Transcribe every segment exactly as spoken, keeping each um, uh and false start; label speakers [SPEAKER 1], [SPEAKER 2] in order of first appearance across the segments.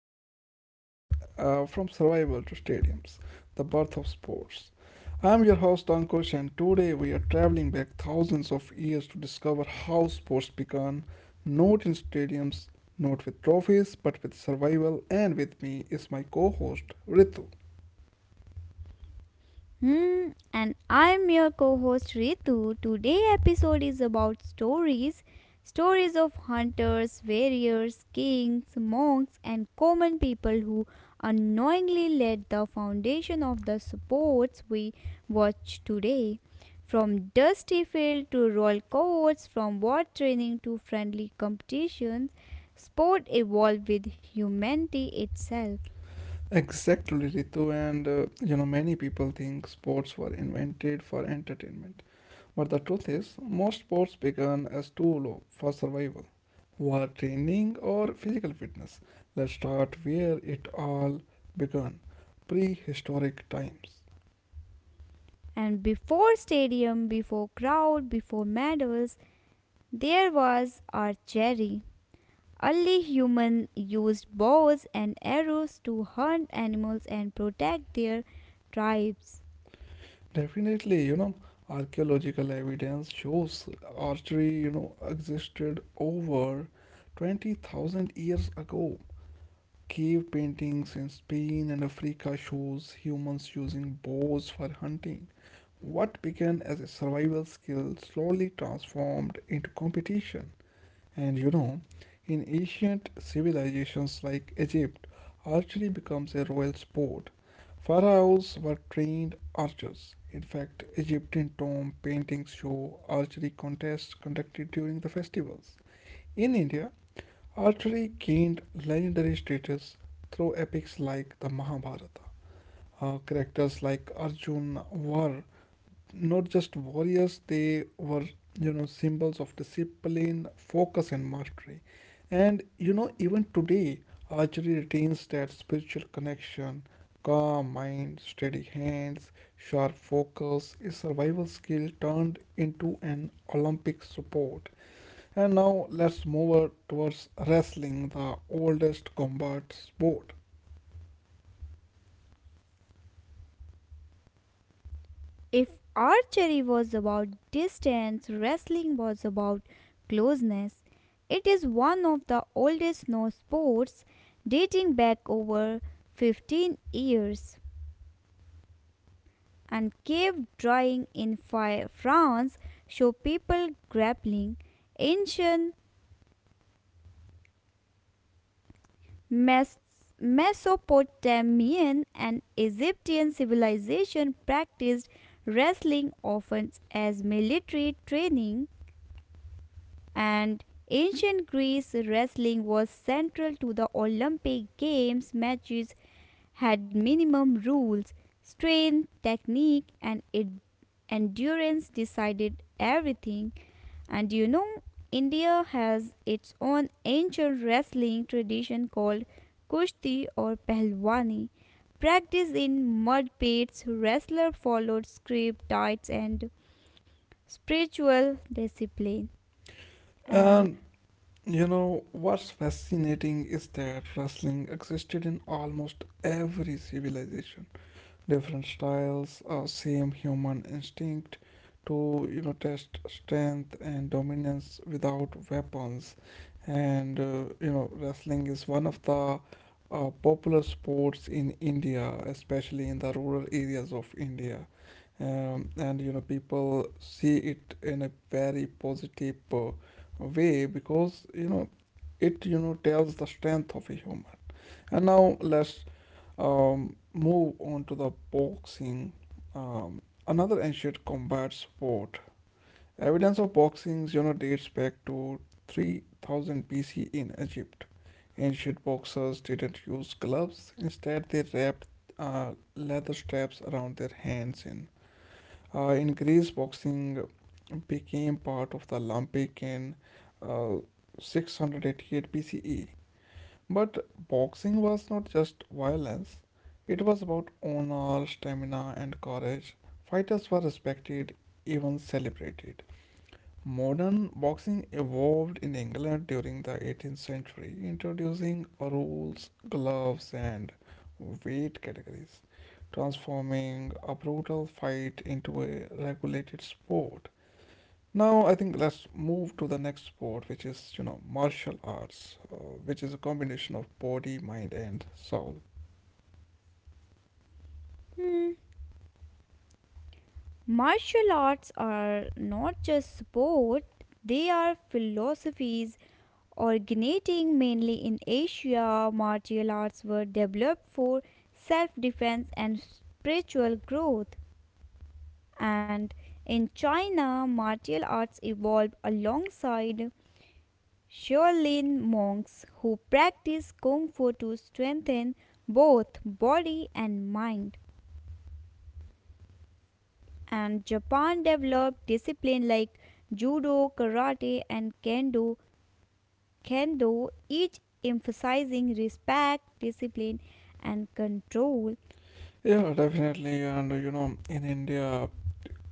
[SPEAKER 1] today's podcast, uh, From Survival to Stadiums, The Birth of Sports. I'm your host Ankush, and today we are traveling back thousands of years to discover how sports began, not in stadiums, not with trophies, but with survival. And with me is my co host Ritu.
[SPEAKER 2] Hmm, and I'm your co-host Ritu. Today episode is about stories, stories of hunters, warriors, kings, monks, and common people who unknowingly laid the foundation of the sports we watch today. From dusty field to royal courts, from war training to friendly competitions, sport evolved with humanity itself.
[SPEAKER 1] Exactly, Ritu, and uh, you know, many people think sports were invented for entertainment. But the truth is, most sports began as too low for survival. War training or physical fitness. Let's start where it all began, prehistoric times.
[SPEAKER 2] And before stadium, before crowd, before medals, there was archery. Early humans used bows and arrows to hunt animals and protect their tribes.
[SPEAKER 1] Definitely, you know, archaeological evidence shows archery, you know, existed over twenty thousand years ago. Cave paintings in Spain and Africa shows humans using bows for hunting. What began as a survival skill slowly transformed into competition. And, you know, in ancient civilizations like Egypt, archery becomes a royal sport. Pharaohs were trained archers. In fact, Egyptian tomb paintings show archery contests conducted during the festivals. In India, archery gained legendary status through epics like the Mahabharata. Uh, characters like Arjun were not just warriors, they were, you know, symbols of discipline, focus, and mastery. And, you know, even today, archery retains that spiritual connection. Calm mind, steady hands, sharp focus, a survival skill turned into an Olympic sport. And now let's move over towards wrestling, the oldest combat sport.
[SPEAKER 2] If archery was about distance, wrestling was about closeness. It is one of the oldest known sports dating back over fifteen years. And cave drawing in France show people grappling ancient Mes- Mesopotamian and Egyptian civilization practiced wrestling often as military training and ancient Greece wrestling was central to the Olympic games matches had minimum rules, strength, technique, and ed- endurance decided everything. And you know, India has its own ancient wrestling tradition called Kushti or Pehlwani. Practice in mud pits, wrestler followed script, diets, and spiritual discipline. And
[SPEAKER 1] And You know, what's fascinating is that wrestling existed in almost every civilization, different styles, uh, same human instinct to, you know test strength and dominance without weapons. And, uh, you know wrestling is one of the uh, popular sports in india, especially in the rural areas of india. Um, and you know people see it in a very positive uh, way, because, you know it, you know tells the strength of a human. And now let's um, move on to the boxing, um, another ancient combat sport. Evidence of boxing, you know, dates back to three thousand B C in Egypt. Ancient boxers didn't use gloves, instead, they wrapped uh, leather straps around their hands. In, uh, in Greece, boxing became part of the Olympic in uh, six hundred eighty-eight B C E. But boxing was not just violence, it was about honor, stamina, and courage. Fighters were respected, even celebrated. Modern boxing evolved in England during the eighteenth century, introducing rules, gloves, and weight categories, transforming a brutal fight into a regulated sport. Now, I think let's move to the next sport, which is, you know, martial arts, uh, which is a combination of body, mind, and soul.
[SPEAKER 2] hmm, martial arts are not just sport, they are philosophies originating mainly in Asia, martial arts were developed for self defense and spiritual growth. And in China, martial arts evolved alongside Shaolin monks who practice kung fu to strengthen both body and mind. And Japan developed discipline like judo, karate, and kendo can do, each emphasizing respect, discipline, and control.
[SPEAKER 1] Yeah, definitely. And, uh, you know, in India,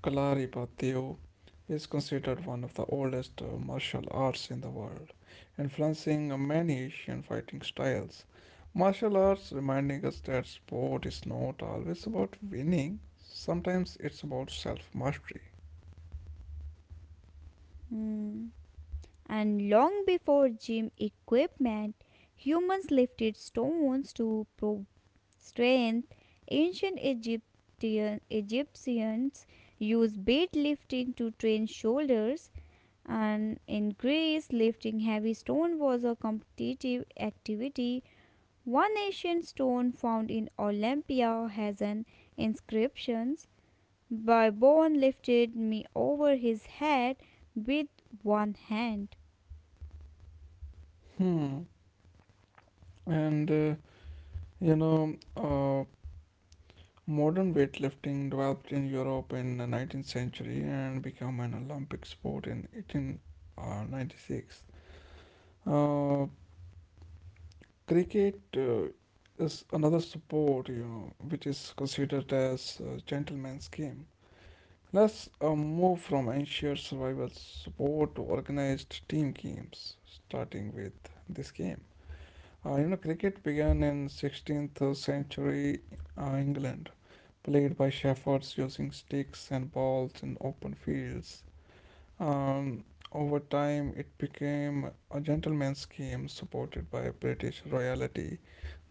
[SPEAKER 1] Kalari is considered one of the oldest uh, martial arts in the world, influencing uh, many Asian fighting styles. Martial arts reminding us that sport is not always about winning, sometimes it's about self mastery.
[SPEAKER 2] Hmm. And long before gym equipment, humans lifted stones to prove strength. Ancient Egyptian, Egyptians used weight lifting to train shoulders, and in Greece, lifting heavy stone was a competitive activity. One ancient stone found in Olympia has an inscription: Byron lifted me over his head with one hand.
[SPEAKER 1] Hmm. And, uh, you know, uh, Modern weightlifting developed in Europe in the nineteenth century and became an Olympic sport in eighteen ninety-six. Uh, Cricket uh, is another sport, you know, which is considered as a gentleman's game. Let's uh, move from ancient survival sport to organized team games, starting with this game. Uh, you know, cricket began in sixteenth century uh, England, played by shepherds using sticks and balls in open fields. Um, Over time, it became a gentleman's game supported by British royalty.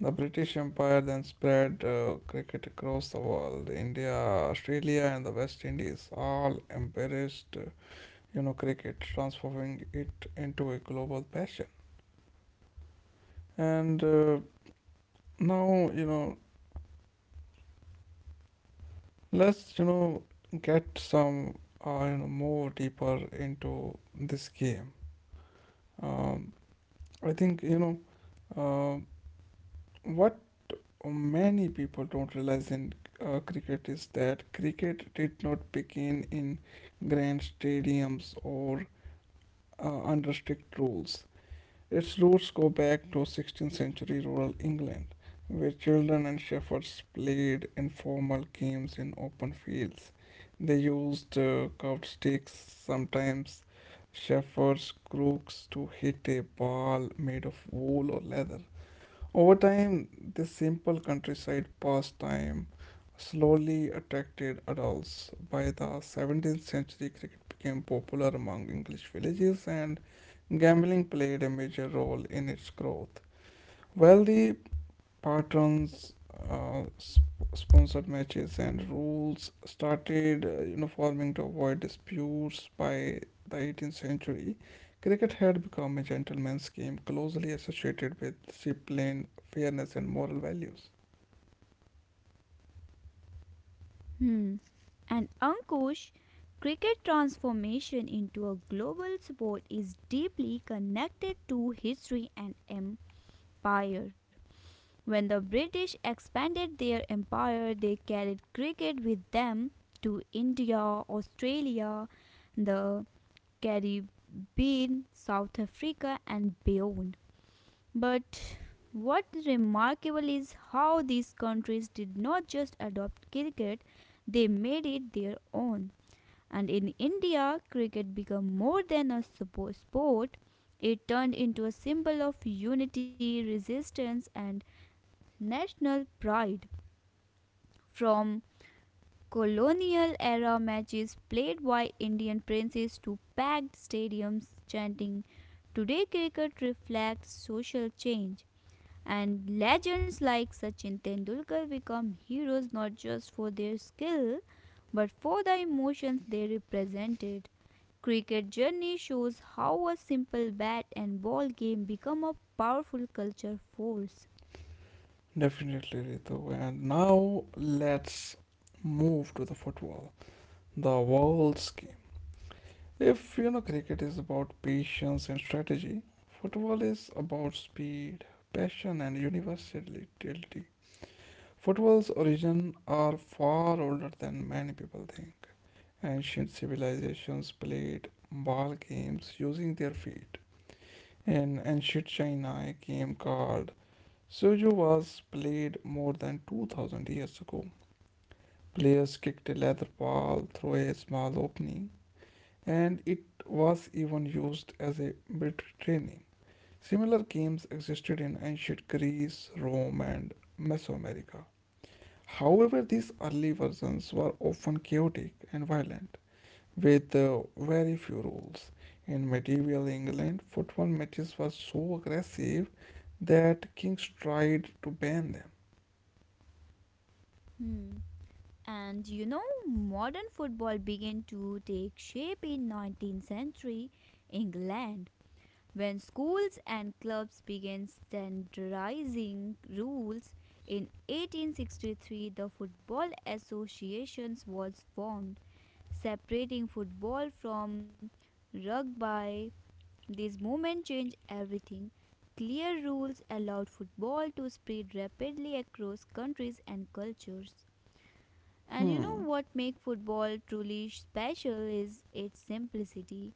[SPEAKER 1] The British Empire then spread uh, cricket across the world. India, Australia, and the West Indies all embraced, uh, you know, cricket, transforming it into a global passion. And uh, now, you know, Let's, you know, get some, uh, you know, more deeper into this game. Um, I think, you know, uh, what many people don't realize in uh, cricket is that cricket did not begin in grand stadiums or uh, under strict rules. Its roots go back to sixteenth century rural England, where children and shepherds played informal games in open fields. They used uh, curved sticks, sometimes shepherds' crooks, to hit a ball made of wool or leather. Over time, this simple countryside pastime slowly attracted adults. By the seventeenth century, cricket became popular among English villages and gambling played a major role in its growth. Wealthy patterns, uh, sp- sponsored matches, and rules started uh, uniforming to avoid disputes by the eighteenth century. Cricket had become a gentleman's game closely associated with discipline, fairness, and moral values.
[SPEAKER 2] Hmm. And Ankush, cricket transformation into a global sport is deeply connected to history and empire. When the British expanded their empire, they carried cricket with them to India, Australia, the Caribbean, South Africa, and beyond. But what remarkable is how these countries did not just adopt cricket, they made it their own. And in India, cricket became more than a sport, it turned into a symbol of unity, resistance, and national pride. From colonial era matches played by Indian princes to packed stadiums chanting, today cricket reflects social change. And legends like Sachin Tendulkar become heroes not just for their skill but for the emotions they represented. Cricket journey shows how a simple bat and ball game become a powerful culture force.
[SPEAKER 1] Definitely, Ritu. And now let's move to the football, the world's If you know cricket is about patience and strategy, football is about speed, passion, and universality. Football's origins are far older than many people think. Ancient civilizations played ball games using their feet. In ancient China, a game called Suju was played more than two thousand years ago. Players kicked a leather ball through a small opening and it was even used as a military training. Similar games existed in ancient Greece, Rome, and Mesoamerica. However, these early versions were often chaotic and violent, with uh, very few rules. In medieval England, football matches were so aggressive that kings tried to ban them.
[SPEAKER 2] Hmm. And you know, modern football began to take shape in nineteenth century England when schools and clubs began standardizing rules. In eighteen sixty-three, the Football Association was formed, separating football from rugby. This movement changed everything. Clear rules allowed football to spread rapidly across countries and cultures. And you know
[SPEAKER 1] Hmm.
[SPEAKER 2] what makes football truly special is its simplicity.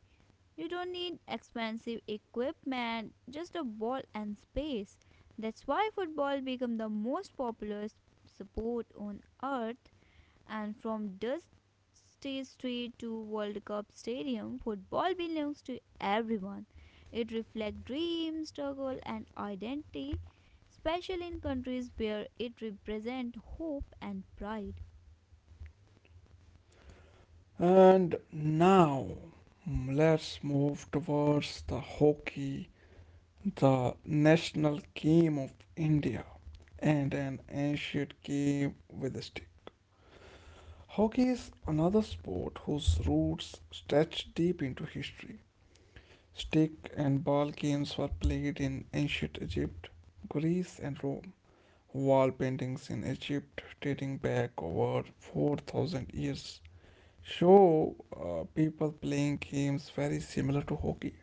[SPEAKER 2] You don't need expensive equipment, just a ball and space. That's why football became the most popular s- sport on earth, and from dusty street to World Cup stadium, football belongs to everyone. It reflects dreams, struggle and identity, especially in countries where it represents hope and pride.
[SPEAKER 1] And now, mm, let's move towards the hockey, the national game of India, and an ancient game with a stick. Hockey is another sport whose roots stretch deep into history. Stick and ball games were played in ancient Egypt, Greece, and Rome. Wall paintings in Egypt dating back over four thousand years show uh, people playing games very similar to hockey.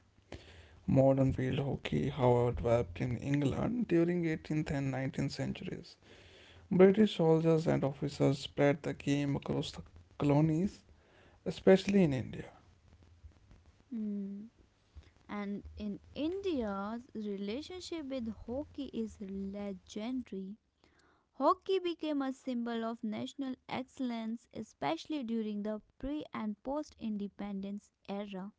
[SPEAKER 1] Modern field hockey, however, developed in England during eighteenth and nineteenth centuries. British soldiers and officers spread the game across the colonies, especially in India.
[SPEAKER 2] Mm. And in India's relationship with hockey is legendary. Hockey became a symbol of national excellence, especially during the pre and post independence era.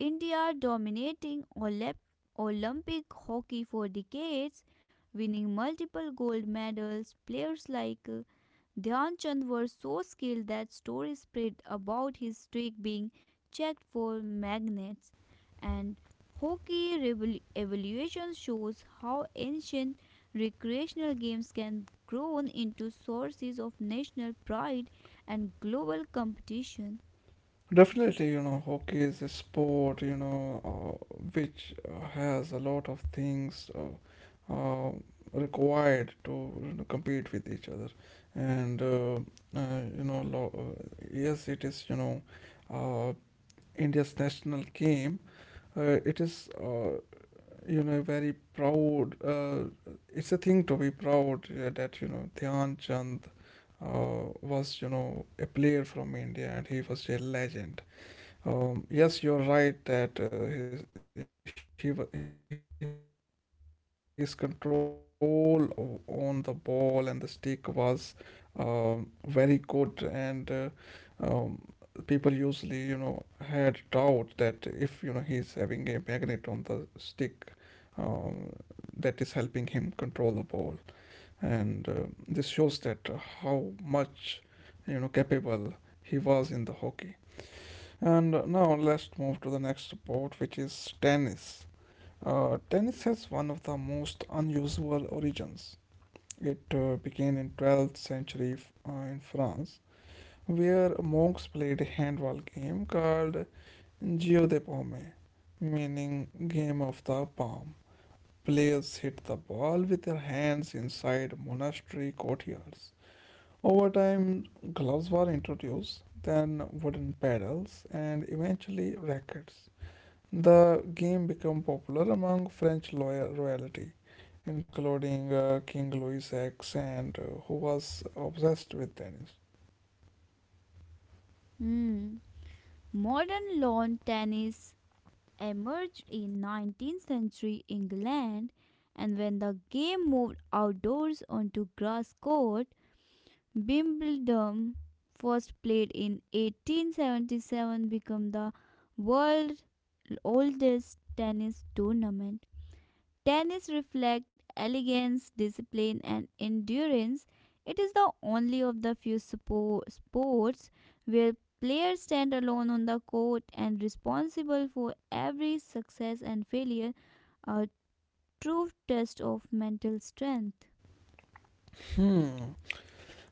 [SPEAKER 2] India dominating Olymp- Olympic hockey for decades, winning multiple gold medals. Players like uh, Dhyan Chand were so skilled that stories spread about his streak being checked for magnets. And hockey revol- evaluation shows how ancient recreational games can grow into sources of national pride and global competition.
[SPEAKER 1] Definitely, you know, hockey is a sport, you know, uh, which uh, has a lot of things uh, uh, required to, you know, compete with each other. And, uh, uh, you know, lo- uh, Yes, it is, you know, uh, India's national game. Uh, it is, uh, you know very proud, uh, it's a thing to be proud uh, that, you know dhyan chand uh, was, you know a player from india and he was a legend. Um, yes, you're right that, uh, his, he, wa- his control o- on the ball and the stick was um, very good. And, uh, um, people usually, you know had doubt that if, you know he's having a magnet on the stick um, that is helping him control the ball. And, uh, this shows that how much, you know capable he was in the hockey. And now let's move to the next sport, which is tennis. Uh, tennis has one of the most unusual origins. It uh, began in twelfth century uh, in france, where monks played a handball game called geo de paume, meaning game of the palm. Players hit the ball with their hands inside monastery courtyards. Over time, gloves were introduced, then wooden paddles, and eventually rackets. The game became popular among French loy- royalty, including uh, King Louis ten, and uh, who was obsessed with tennis.
[SPEAKER 2] Hmm. Modern lawn tennis emerged in nineteenth century England, and when the game moved outdoors onto grass court, Wimbledon, first played in eighteen seventy-seven, became the world's oldest tennis tournament. Tennis reflects elegance, discipline, and endurance. It is the only of the few spo- sports where players stand alone on the court and responsible for every success and failure, a true test of mental strength.
[SPEAKER 1] Hmm.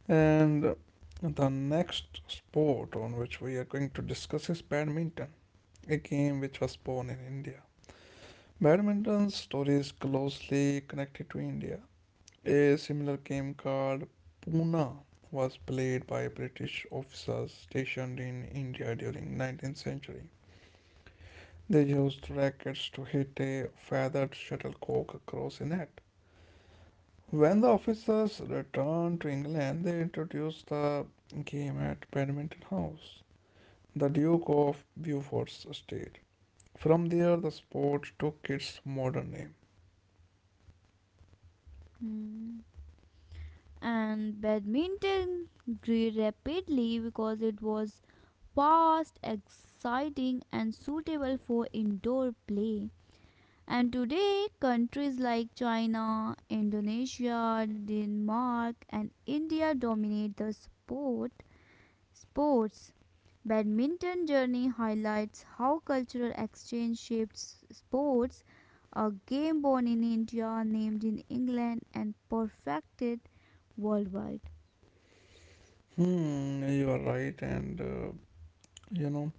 [SPEAKER 1] And the next sport on which we are going to discuss is badminton, a game which was born in India. Badminton story is closely connected to India. A similar game called Puna was played by British officers stationed in India during nineteenth century. They used rackets to hit a feathered shuttlecock across a net. When the officers returned to England, they introduced the game at Badminton House, the Duke of Beaufort's estate. From there, the sport took its modern name.
[SPEAKER 2] Hmm. And badminton grew rapidly because it was fast, exciting, and suitable for indoor play. And today, countries like China, Indonesia, Denmark, and India dominate the sport sports. Badminton journey highlights how cultural exchange shapes sports. A game born in India, named in England, and perfected worldwide.
[SPEAKER 1] Hmm, you are right, and, uh, you know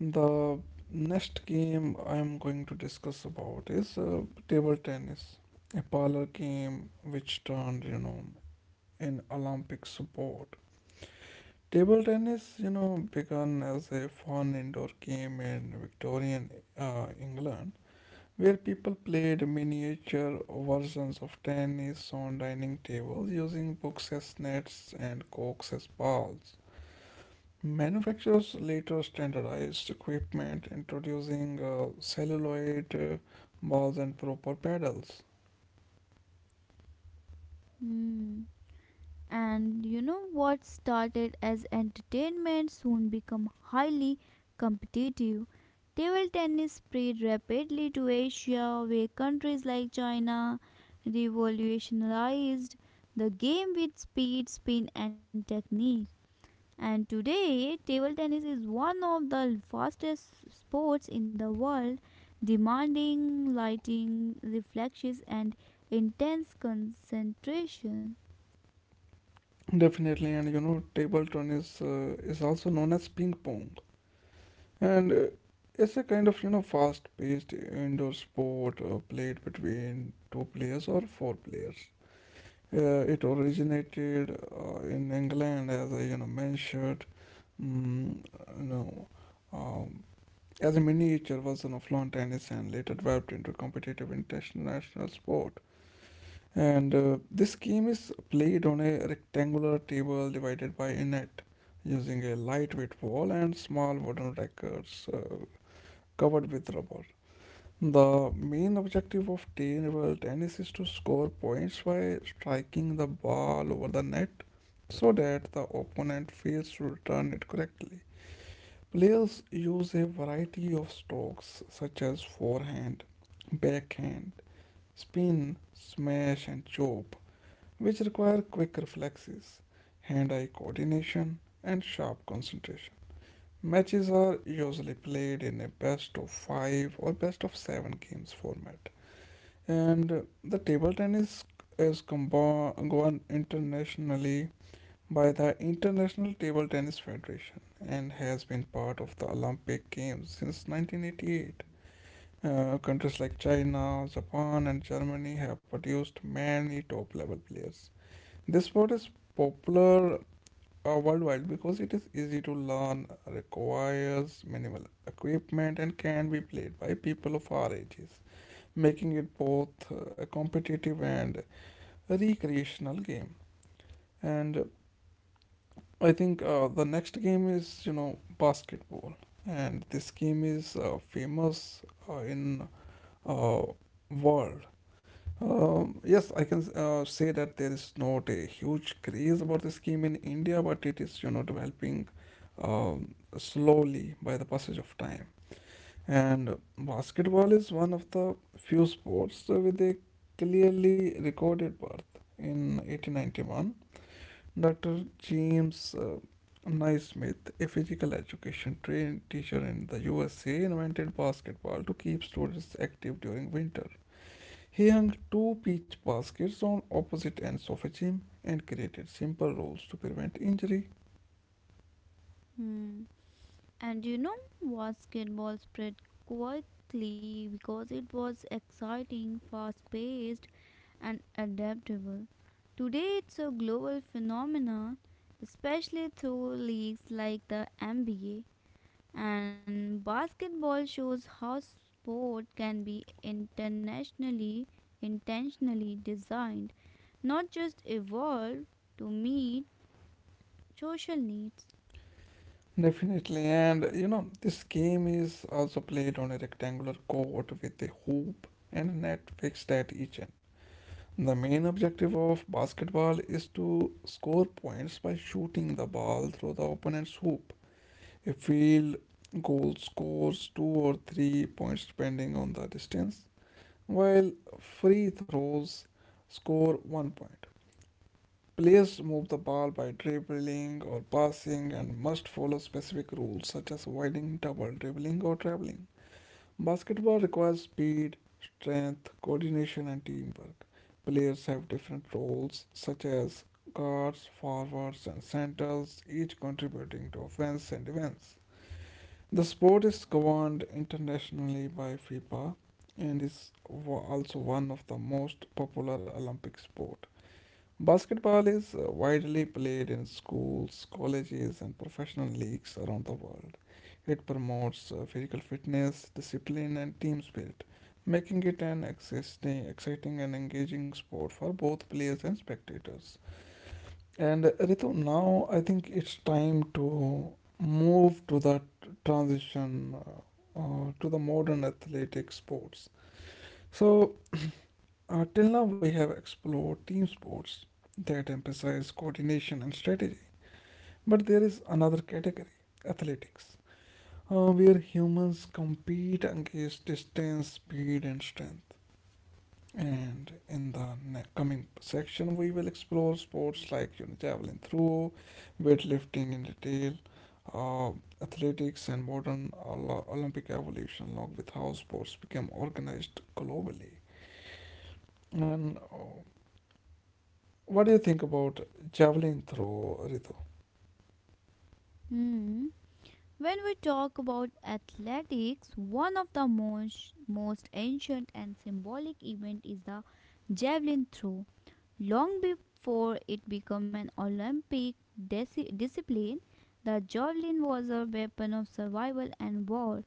[SPEAKER 1] the next game I am going to discuss about is uh, table tennis, a parlor game which turned, you know in Olympic support. Table tennis, you know, began as a fun indoor game in Victorian uh, England, where people played miniature versions of tennis on dining tables using books as nets and corks as balls. Manufacturers later standardized equipment, introducing uh, celluloid uh, balls and proper pedals.
[SPEAKER 2] Hmm. And you know what started as entertainment soon become highly competitive. Table tennis spread rapidly to Asia, where countries like China revolutionized the game with speed, spin, and technique. And today, table tennis is one of the fastest sports in the world, demanding lighting, reflexes, and intense concentration.
[SPEAKER 1] Definitely, and, you know, table tennis uh, is also known as ping pong, and uh, it's a kind of, you know fast-paced indoor sport uh, played between two players or four players. Uh, it originated uh, in England, as I, you know mentioned. Mm, you know, um, as a miniature version of lawn tennis and later developed into competitive international sport. And uh, this game is played on a rectangular table divided by a net, using a lightweight ball and small wooden rackets uh, covered with rubber. The main objective of table tennis is to score points by striking the ball over the net so that the opponent fails to return it correctly. Players use a variety of strokes such as forehand, backhand, spin, smash, and chop, which require quick reflexes, hand eye coordination, and sharp concentration. Matches are usually played in a best of five or best of seven games format, and the table tennis is combo- gone internationally by the International Table Tennis Federation and has been part of the Olympic Games since nineteen eighty-eight. Uh, countries like China, Japan, and Germany have produced many top level players. This sport is popular uh, worldwide because it is easy to learn, requires minimal equipment, and can be played by people of all ages, making it both uh, a competitive and recreational game. And I think uh, the next game is you know basketball, and this game is uh, famous uh, in uh, world. Um, yes, I can uh, say that there is not a huge craze about this game in India, but it is you know developing um, slowly by the passage of time. And basketball is one of the few sports with a clearly recorded birth in eighteen ninety-one. doctor James uh, Naismith, a physical education trained teacher in the U S A, invented basketball to keep students active during winter. He hung two peach baskets on opposite ends of a gym and created simple rules to prevent injury.
[SPEAKER 2] Hmm. And you know, basketball spread quickly because it was exciting, fast paced, and adaptable. Today, it's a global phenomenon, especially through leagues like the N B A. And basketball shows how sport can be internationally, intentionally designed, not just evolved to meet social needs.
[SPEAKER 1] Definitely, and you know, this game is also played on a rectangular court with a hoop and a net fixed at each end. The main objective of basketball is to score points by shooting the ball through the opponent's hoop. A field goal scores two or three points depending on the distance, while free throws score one point. Players move the ball by dribbling or passing and must follow specific rules such as avoiding double dribbling or traveling. Basketball requires speed, strength, coordination, and teamwork. Players have different roles, such as guards, forwards, and centers, each contributing to offense and defense. The sport is governed internationally by FIFA and is wa- also one of the most popular Olympic sports. Basketball is uh, widely played in schools, colleges, and professional leagues around the world. It promotes uh, physical fitness, discipline, and team spirit, making it an existing, exciting and engaging sport for both players and spectators. And uh, Ritu, now I think it's time to move to the t- transition uh, uh, to the modern athletic sports. So, uh, till now, we have explored team sports that emphasize coordination and strategy, but there is another category athletics, uh, where humans compete against distance, speed, and strength. And in the ne- coming section, we will explore sports like you know, javelin throw, weightlifting in detail, uh, athletics, and modern Ol- Olympic evolution, along with how sports became organized globally. And uh, what do you think about javelin throw, Ritu?
[SPEAKER 2] Hmm. When we talk about athletics, one of the most, most ancient and symbolic event is the javelin throw. Long before it became an Olympic disi- discipline, the javelin was a weapon of survival and war.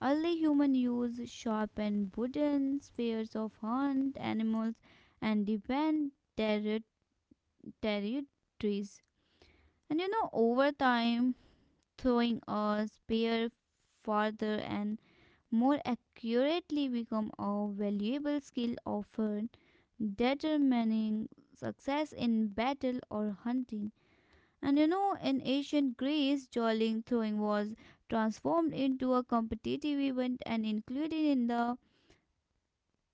[SPEAKER 2] Early humans used sharpened wooden spears of hunt animals and defend terri- territories. And you know, over time, throwing a spear farther and more accurately become a valuable skill often determining success in battle or hunting. And you know, in ancient Greece, javelin throwing was transformed into a competitive event and included in the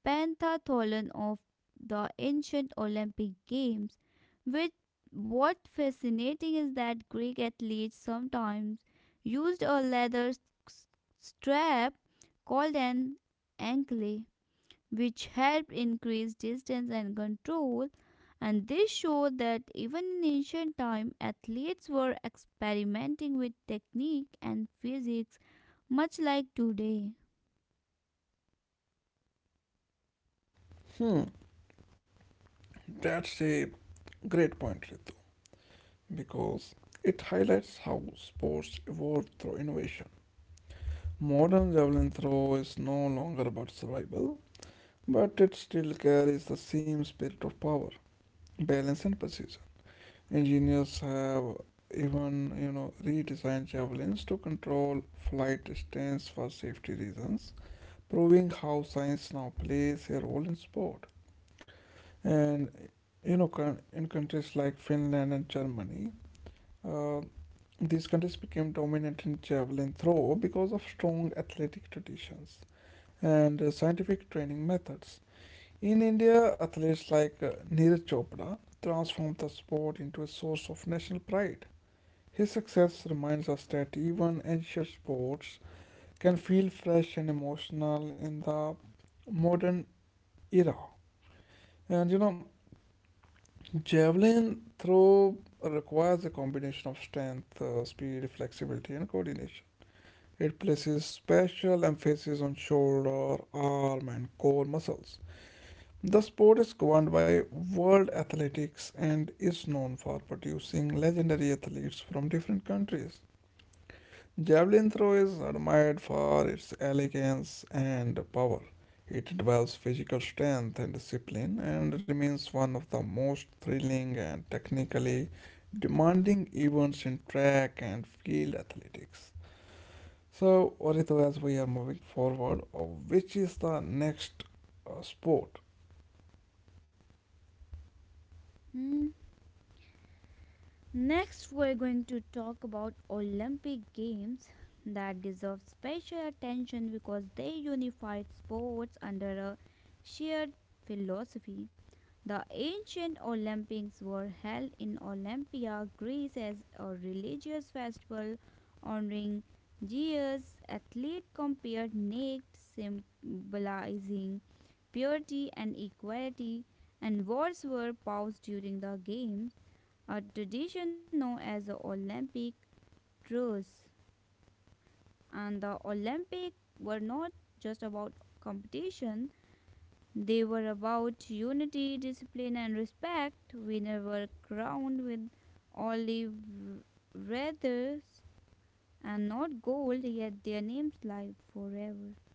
[SPEAKER 2] pentathlon of the ancient Olympic Games. Which what fascinating is that Greek athletes sometimes used a leather s- strap called an ankle, which helped increase distance and control. And this showed that even in ancient time, athletes were experimenting with technique and physics, much like today.
[SPEAKER 1] Hmm, that's a great point, Ritu, because it highlights how sports evolved through innovation. Modern javelin throw is no longer about survival, but it still carries the same spirit of power, balance, and precision. Engineers have even you know redesigned javelins to control flight distance for safety reasons, proving how science now plays a role in sport. And you know, coun- in countries like Finland and Germany, uh, these countries became dominant in javelin throw because of strong athletic traditions and uh, scientific training methods. In India, athletes like uh, Neeraj Chopra transformed the sport into a source of national pride. His success reminds us that even ancient sports can feel fresh and emotional in the modern era. And you know, javelin throw requires a combination of strength, uh, speed, flexibility, and coordination. It places special emphasis on shoulder, arm, and core muscles. The sport is governed by World Athletics and is known for producing legendary athletes from different countries. Javelin throw is admired for its elegance and power. It involves physical strength and discipline and remains one of the most thrilling and technically demanding events in track and field athletics. So, Orito, as we are moving forward, uh, which is the next uh, sport?
[SPEAKER 2] Hmm. Next, we're going to talk about Olympic Games that deserve special attention because they unified sports under a shared philosophy. The ancient Olympics were held in Olympia, Greece, as a religious festival honoring Zeus. Athletes compared naked, symbolizing purity and equality, and wars were paused during the games, a tradition known as the Olympic truce. And the Olympics were not just about competition, they were about unity, discipline, and respect. Winners were crowned with olive wreaths and not gold, yet their names lived forever.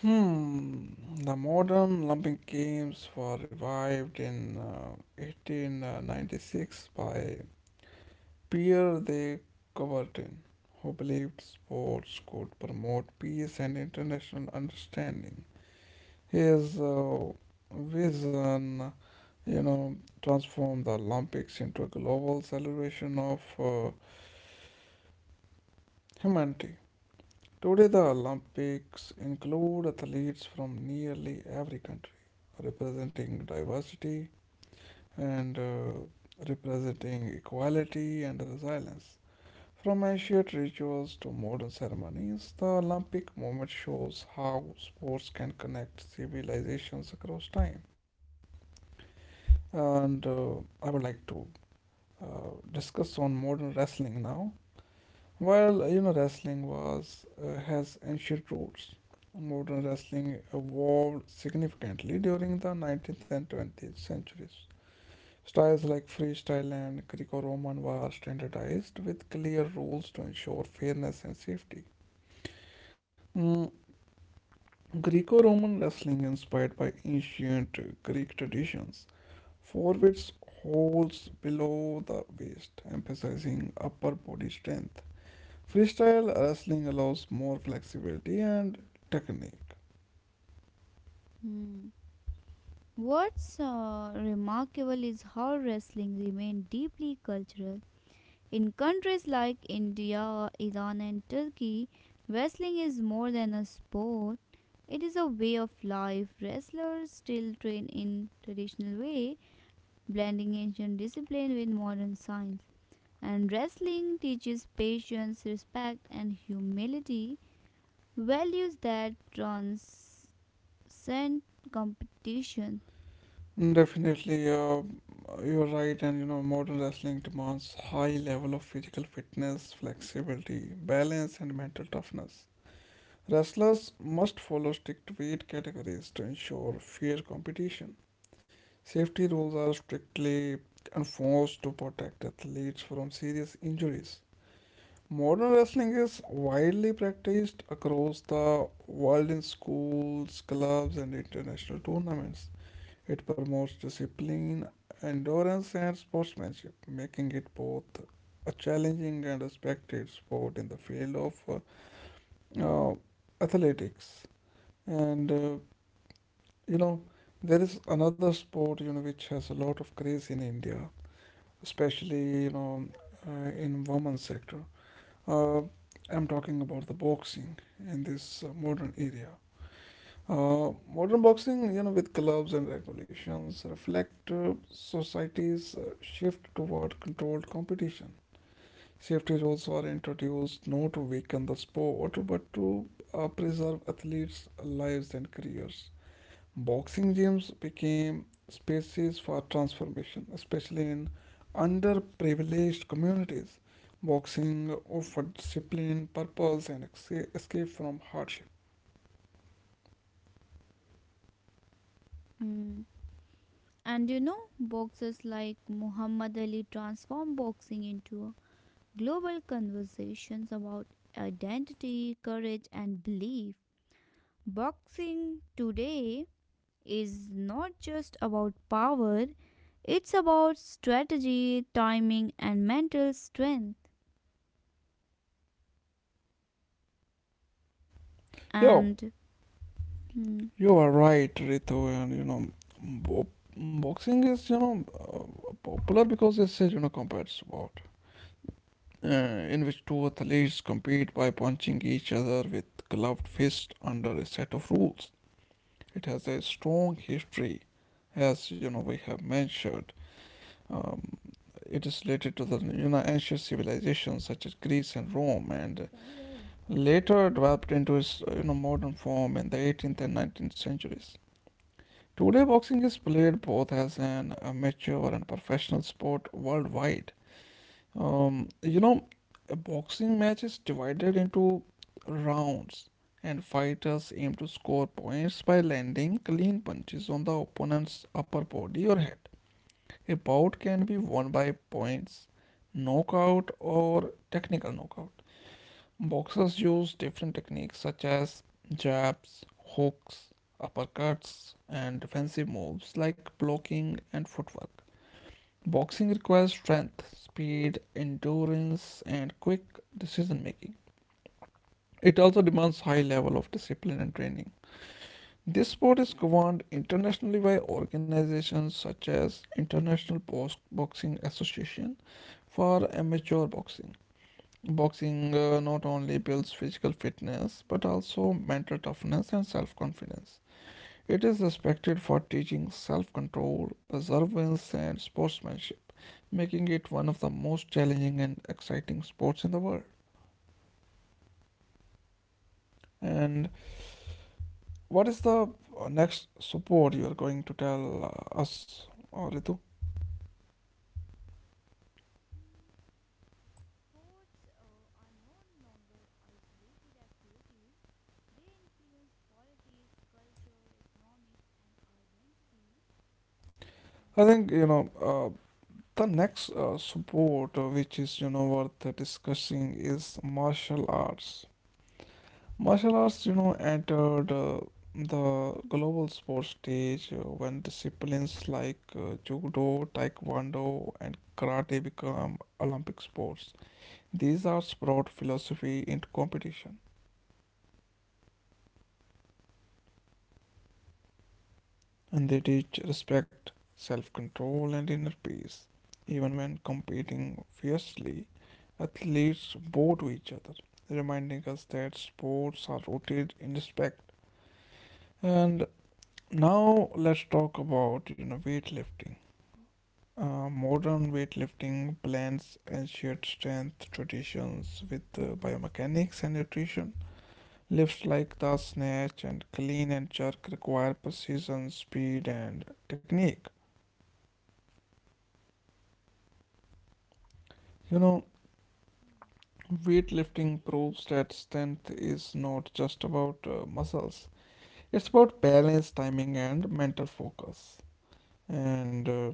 [SPEAKER 1] Hmm, the modern Olympic Games were revived in uh, eighteen ninety-six by Pierre de Coubertin, who believed sports could promote peace and international understanding. His uh, vision, you know, transformed the Olympics into a global celebration of uh, humanity. Today, the Olympics include athletes from nearly every country, representing diversity and uh, representing equality and resilience. From ancient rituals to modern ceremonies, the Olympic movement shows how sports can connect civilizations across time. And uh, I would like to uh, discuss on modern wrestling now. While you know wrestling was uh, has ancient roots, modern wrestling evolved significantly during the nineteenth and twentieth centuries. Styles like freestyle and Greco-Roman were standardized with clear rules to ensure fairness and safety. Mm, Greco Roman wrestling, inspired by ancient Greek traditions, forwards holds below the waist, emphasizing upper body strength. Freestyle wrestling allows more flexibility and technique.
[SPEAKER 2] Hmm. What's uh, remarkable is how wrestling remained deeply cultural. In countries like India, Iran, and Turkey, wrestling is more than a sport. It is a way of life. Wrestlers still train in traditional way, blending ancient discipline with modern science. And wrestling teaches patience, respect, and humility, values that transcend competition.
[SPEAKER 1] Definitely, uh, you're right, and you know, modern wrestling demands high level of physical fitness, flexibility, balance, and mental toughness. Wrestlers must follow strict weight categories to ensure fair competition. Safety rules are strictly enforced to protect athletes from serious injuries. Modern wrestling is widely practiced across the world in schools, clubs, and international tournaments. It promotes discipline, endurance, and sportsmanship, making it both a challenging and respected sport in the field of uh, uh, athletics. And uh, you know, there is another sport you know which has a lot of craze in India, especially you know uh, in women's sector. Uh, I'm talking about the boxing in this uh, modern area. Uh, modern boxing, you know, with clubs and regulations, reflect uh, society's uh, shift toward controlled competition. Safety rules were introduced not to weaken the sport but to uh, preserve athletes' lives and careers. Boxing gyms became spaces for transformation, especially in underprivileged communities. Boxing offered discipline, purpose, and esca- escape from hardship.
[SPEAKER 2] Hmm. And you know, boxers like Muhammad Ali transformed boxing into a global conversations about identity, courage, and belief. Boxing today is not just about power, it's about strategy, timing, and mental strength.
[SPEAKER 1] Yo,
[SPEAKER 2] And hmm,
[SPEAKER 1] you are right, Ritu, and you know, bo- boxing is you know uh, popular because it's a you know combat sport uh, in which two athletes compete by punching each other with gloved fist under a set of rules. It has a strong history, as you know we have mentioned. Um, it is related to the you know ancient civilizations such as Greece and Rome, and later developed into its you know modern form in the eighteenth and nineteenth centuries. Today, boxing is played both as an amateur and professional sport worldwide. Um, you know, a boxing match is divided into rounds, and fighters aim to score points by landing clean punches on the opponent's upper body or head. A bout can be won by points, knockout, or technical knockout. Boxers use different techniques such as jabs, hooks, uppercuts, and defensive moves like blocking and footwork. Boxing requires strength, speed, endurance, and quick decision making. It also demands high level of discipline and training. This sport is governed internationally by organizations such as International Box- Boxing Association for amateur boxing. Boxing uh, not only builds physical fitness but also mental toughness and self-confidence. It is respected for teaching self-control, perseverance, and sportsmanship, making it one of the most challenging and exciting sports in the world. And what is the uh, next sport you are going to tell uh, us, uh, Ritu?
[SPEAKER 2] sports uh, are no longer isolated activities, they influence politics, culture, economics, and identity.
[SPEAKER 1] I
[SPEAKER 2] And,
[SPEAKER 1] think you
[SPEAKER 2] uh,
[SPEAKER 1] know uh, the next uh, sport uh, which is you know worth discussing is martial arts. Martial arts, you know, entered uh, the global sports stage uh, when disciplines like uh, judo, taekwondo, and karate become Olympic sports. These arts brought philosophy into competition, and they teach respect, self control, and inner peace. Even when competing fiercely, athletes bow to each other, reminding us that sports are rooted in respect. And now let's talk about you know weightlifting. Uh, modern weightlifting blends ancient strength traditions with uh, biomechanics and nutrition. Lifts like the snatch and clean and jerk require precision, speed, and technique. You know,
[SPEAKER 2] hmm, and
[SPEAKER 1] weightlifting proves that
[SPEAKER 2] weightlifting.
[SPEAKER 1] strength is not just about uh, muscles, it's about balance, timing, and mental focus. And uh,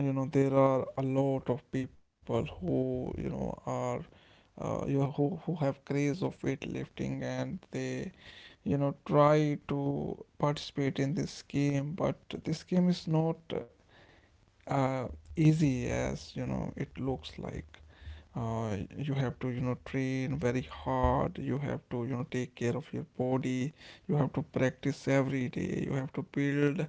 [SPEAKER 1] you know, there are a lot of people who you know are uh, you know, who who have craze of weightlifting and they you know try to participate in this game, but this game is not uh, uh, easy as you know it looks like. Uh, you have to you know train very hard, you have to you know take care of your body, you have to practice every day, you have to build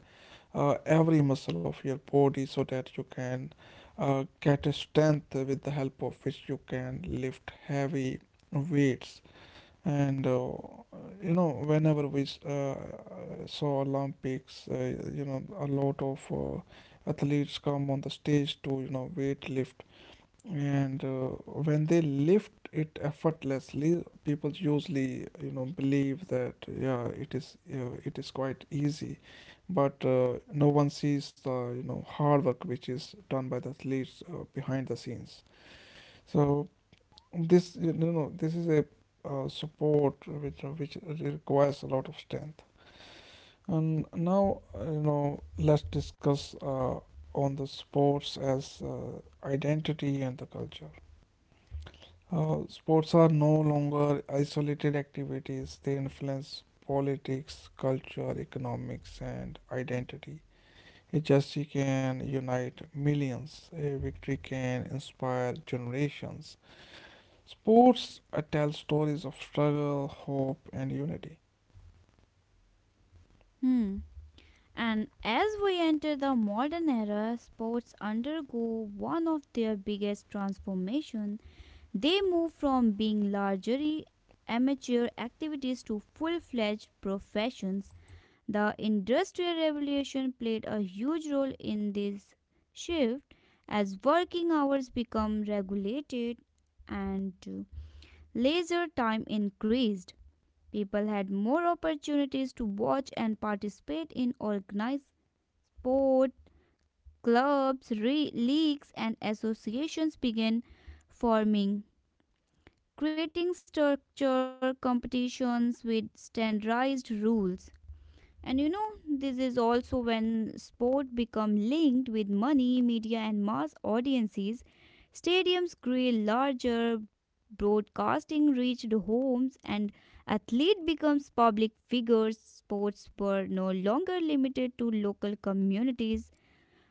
[SPEAKER 1] uh, every muscle of your body so that you can uh, get a strength with the help of which you can lift heavy weights. And uh, you know whenever we s- uh, saw olympics, uh, you know a lot of uh, athletes come on the stage to you know weight lift. And uh, when they lift it effortlessly, people usually you know believe that yeah it is uh, it is quite easy. But uh, no one sees the you know hard work which is done by the athletes uh, behind the scenes. So this uh, no no this is a uh, support which uh, which requires a lot of strength. And now uh, you know let's discuss uh, on the sports as uh, identity and the culture. Uh, sports are no longer isolated activities. They influence politics, culture, economics, and identity. A gesture can unite millions. A victory can inspire generations. Sports uh, tell stories of struggle, hope, and unity.
[SPEAKER 2] Hmm. And as we enter the modern era, sports undergo one of their biggest transformations. They move from being largely amateur activities to full fledged professions. The Industrial Revolution played a huge role in this shift as working hours become regulated and leisure time increased. People had more opportunities to watch and participate in organized sports clubs, re- leagues, and associations began forming, creating structure competitions with standardized rules. And you know, this is also when sport become linked with money, media, and mass audiences. Stadiums grew larger, broadcasting reached homes, and athlete becomes public figures. Sports were no longer limited to local communities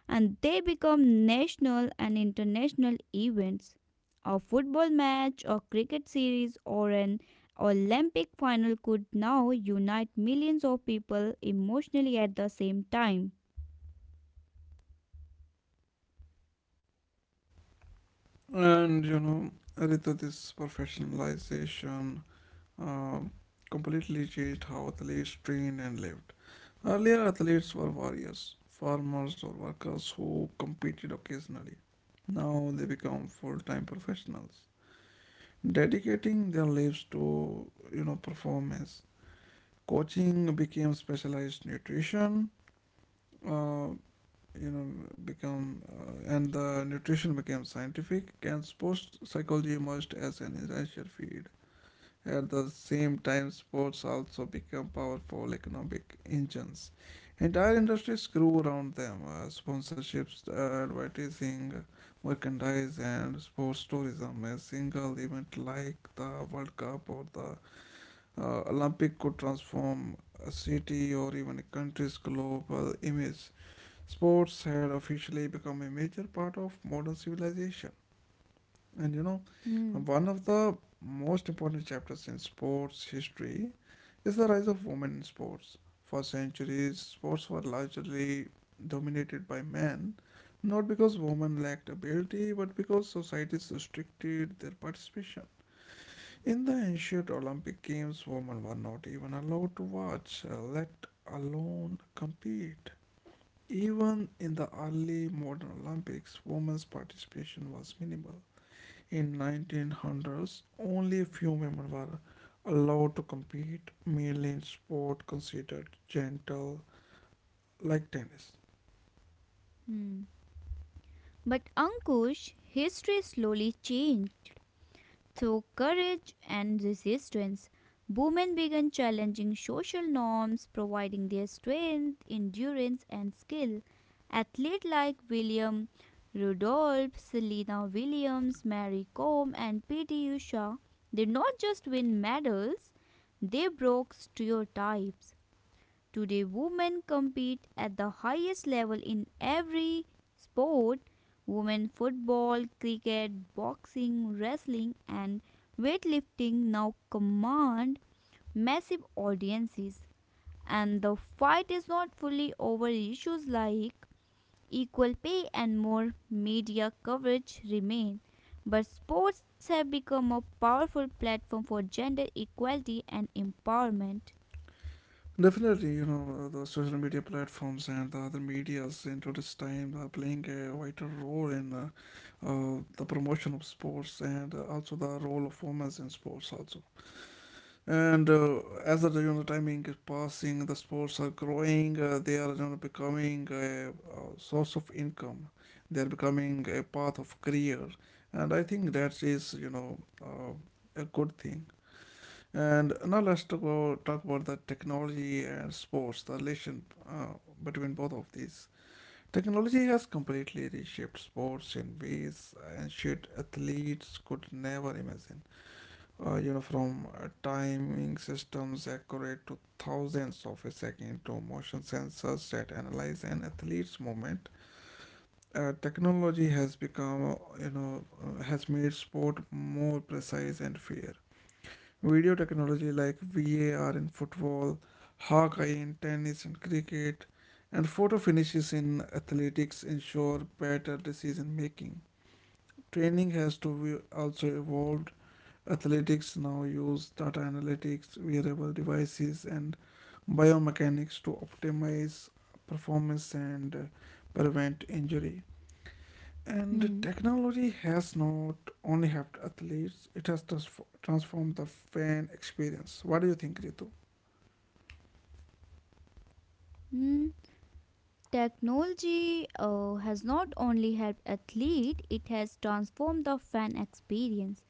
[SPEAKER 2] and they become national and international events. A football match, a cricket series, or an Olympic final could now unite millions of people emotionally at the same time.
[SPEAKER 1] And you know, Ritu, this professionalization uh, completely changed how athletes trained and lived. Earlier, athletes were warriors, farmers, or workers who competed occasionally. Now they become full-time professionals, dedicating their lives to you know performance. Coaching became specialized nutrition, uh, you know become uh, and the nutrition became scientific, and sports psychology emerged as an essential field. At the same time, sports also became powerful economic engines. Entire industries grew around them, uh, sponsorships, uh, advertising, merchandise, and sports tourism. A single event like the World Cup or the uh, Olympic could transform a city or even a country's global image. Sports had officially become a major part of modern civilization. And you know,
[SPEAKER 2] Hmm.
[SPEAKER 1] one of the most important chapters in sports history is the rise of women in sports. For centuries, sports were largely dominated by men, not because women lacked ability, but because societies restricted their participation. In the ancient Olympic Games, women were not even allowed to watch, uh, let alone compete. Even in the early modern Olympics, women's participation was minimal. In nineteen hundreds, only a few women were allowed to compete, mainly in sport considered gentle, like tennis.
[SPEAKER 2] Hmm. But Ankush, history slowly changed. Through courage and resistance, women began challenging social norms, providing their strength, endurance, and skill. Athletes like William Rudolph, Selena Williams, Mary Combe, and P T. Usha did not just win medals, they broke stereotypes. Today, women compete at the highest level in every sport women football, cricket, boxing, wrestling, and weightlifting now command massive audiences. And the fight is not fully over, issues like equal pay and more media coverage remain. But sports have become a powerful platform for gender equality and empowerment.
[SPEAKER 1] Definitely, you know, the social media platforms and the other medias into this time are playing a vital role in uh, uh, the promotion of sports, and uh, also the role of women in sports also. And uh, as the you know, timing is passing, the sports are growing. Uh, they are, you know, becoming a, a source of income. They are becoming a path of career, and I think that is, you know uh, a good thing. And now let's talk about, talk about the technology and sports, the relation uh, between both of these. Technology has completely reshaped sports in ways ancient athletes could never imagine. Uh, you know from uh, timing systems accurate to thousands of a second to motion sensors that analyze an athlete's movement, uh, technology has become, uh, you know uh, has made sport more precise and fair. Video technology like V A R in football, Hawkeye in tennis and cricket, and photo finishes in athletics ensure better decision making. Training has to be also evolved. Athletics now use data analytics, wearable devices, and biomechanics to optimize performance and uh, prevent injury. And
[SPEAKER 2] Hmm.
[SPEAKER 1] technology has not only helped athletes, it has transf- transformed the fan experience. What do you think, Ritu?
[SPEAKER 2] Hmm. Technology uh, has not only helped athletes, it has transformed the fan experience.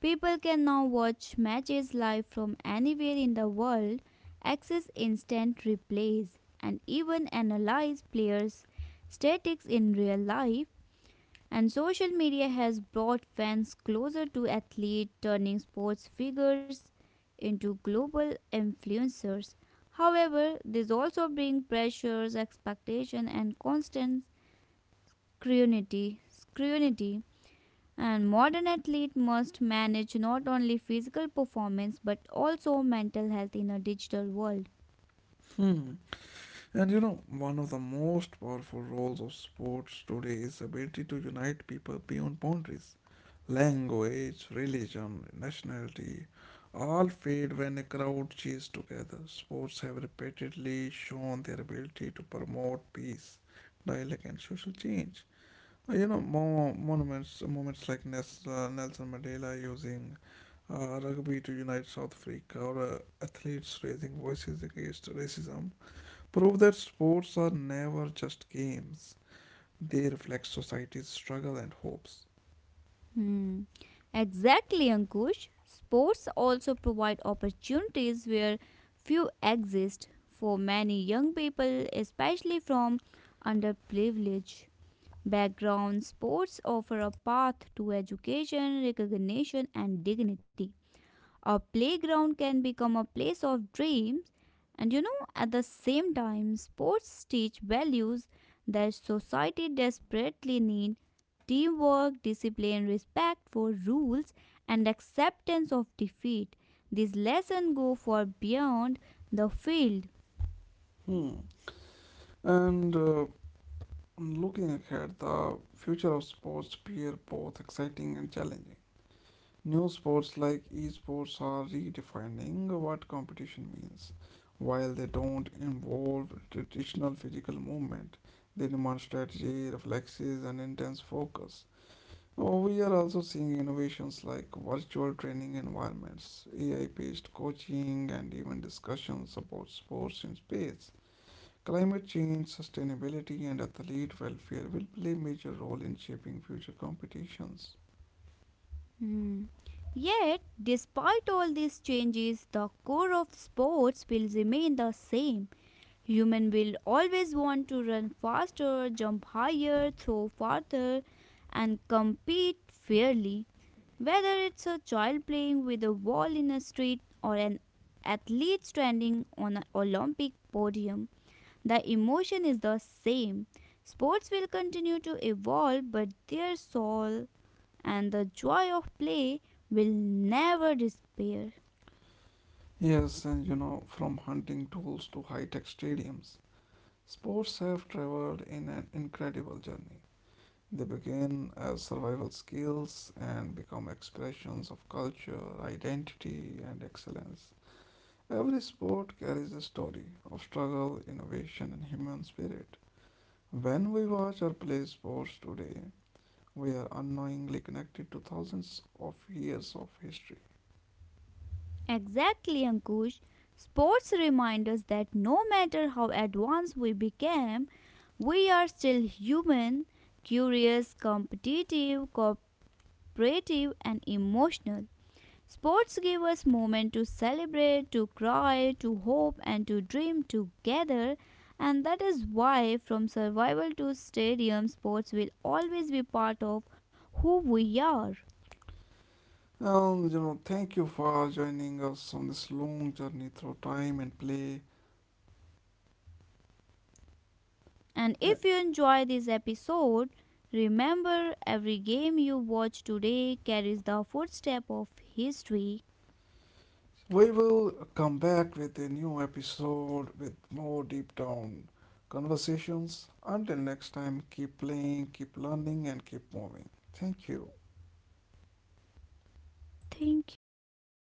[SPEAKER 2] People can now watch matches live from anywhere in the world, access instant replays, and even analyze players' statistics in real life. And social media has brought fans closer to athletes, turning sports figures into global influencers. However, these also bring pressures, expectation, and constant scrutiny. scrutiny. And modern athlete must manage not only physical performance but also mental health in a digital world.
[SPEAKER 1] Hmm. And you know, one of the most powerful roles of sports today is ability to unite people beyond boundaries. Language, religion, nationality all fade when a crowd cheers together. Sports have repeatedly shown their ability to promote peace, dialogue, and social change. Uh, You know, mo- monuments, moments like Nes- uh, Nelson Mandela using uh, rugby to unite South Africa, or uh, athletes raising voices against racism prove that sports are never just games, they reflect society's struggle and hopes.
[SPEAKER 2] Hmm. Exactly, Ankush. Sports also provide opportunities where few exist for many young people, especially from underprivileged backgrounds. Sports offer a path to education, recognition, and dignity. A playground can become a place of dreams, and you know, at the same time, sports teach values that society desperately needs teamwork, discipline, respect for rules, and acceptance of defeat. These lessons go far beyond the field.
[SPEAKER 1] Hmm. And uh, looking ahead, the future of sports appear both exciting and challenging. New sports like esports are redefining what competition means. While they don't involve traditional physical movement, they demand strategy, reflexes, and intense focus. Oh, we are also seeing innovations like virtual training environments, A I based coaching, and even discussions about sports in space. Climate change, sustainability, and athlete welfare will play major role in shaping future competitions.
[SPEAKER 2] Hmm. Yet, despite all these changes, the core of sports will remain the same. Human will always want to run faster, jump higher, throw farther, and compete fairly. Whether it's a child playing with a ball in a street or an athlete standing on an Olympic podium, the emotion is the same. Sports will continue to evolve, but their soul and the joy of play will never disappear.
[SPEAKER 1] Yes, and you know, from hunting tools to high tech stadiums, sports have traveled in an incredible journey. They begin as survival skills and become expressions of culture, identity, and excellence. Every sport carries a story of struggle, innovation, and human spirit. When we watch or play sports today, we are unknowingly connected to thousands of years of history.
[SPEAKER 2] Exactly, Ankush. Sports remind us that no matter how advanced we became, we are still human, curious, competitive, cooperative, and emotional. Sports give us moments to celebrate, to cry, to hope, and to dream together. And that is why, from survival to stadium, sports will always be part of who we are.
[SPEAKER 1] And you know, thank you for joining us on this long journey through time and play.
[SPEAKER 2] And
[SPEAKER 1] Uh,
[SPEAKER 2] if you enjoy this episode, remember every game you watch today carries the footstep of history.
[SPEAKER 1] We will come back with a new episode with more deep down conversations. Until next time, keep playing, keep learning, and keep moving. Thank you.
[SPEAKER 2] Thank you.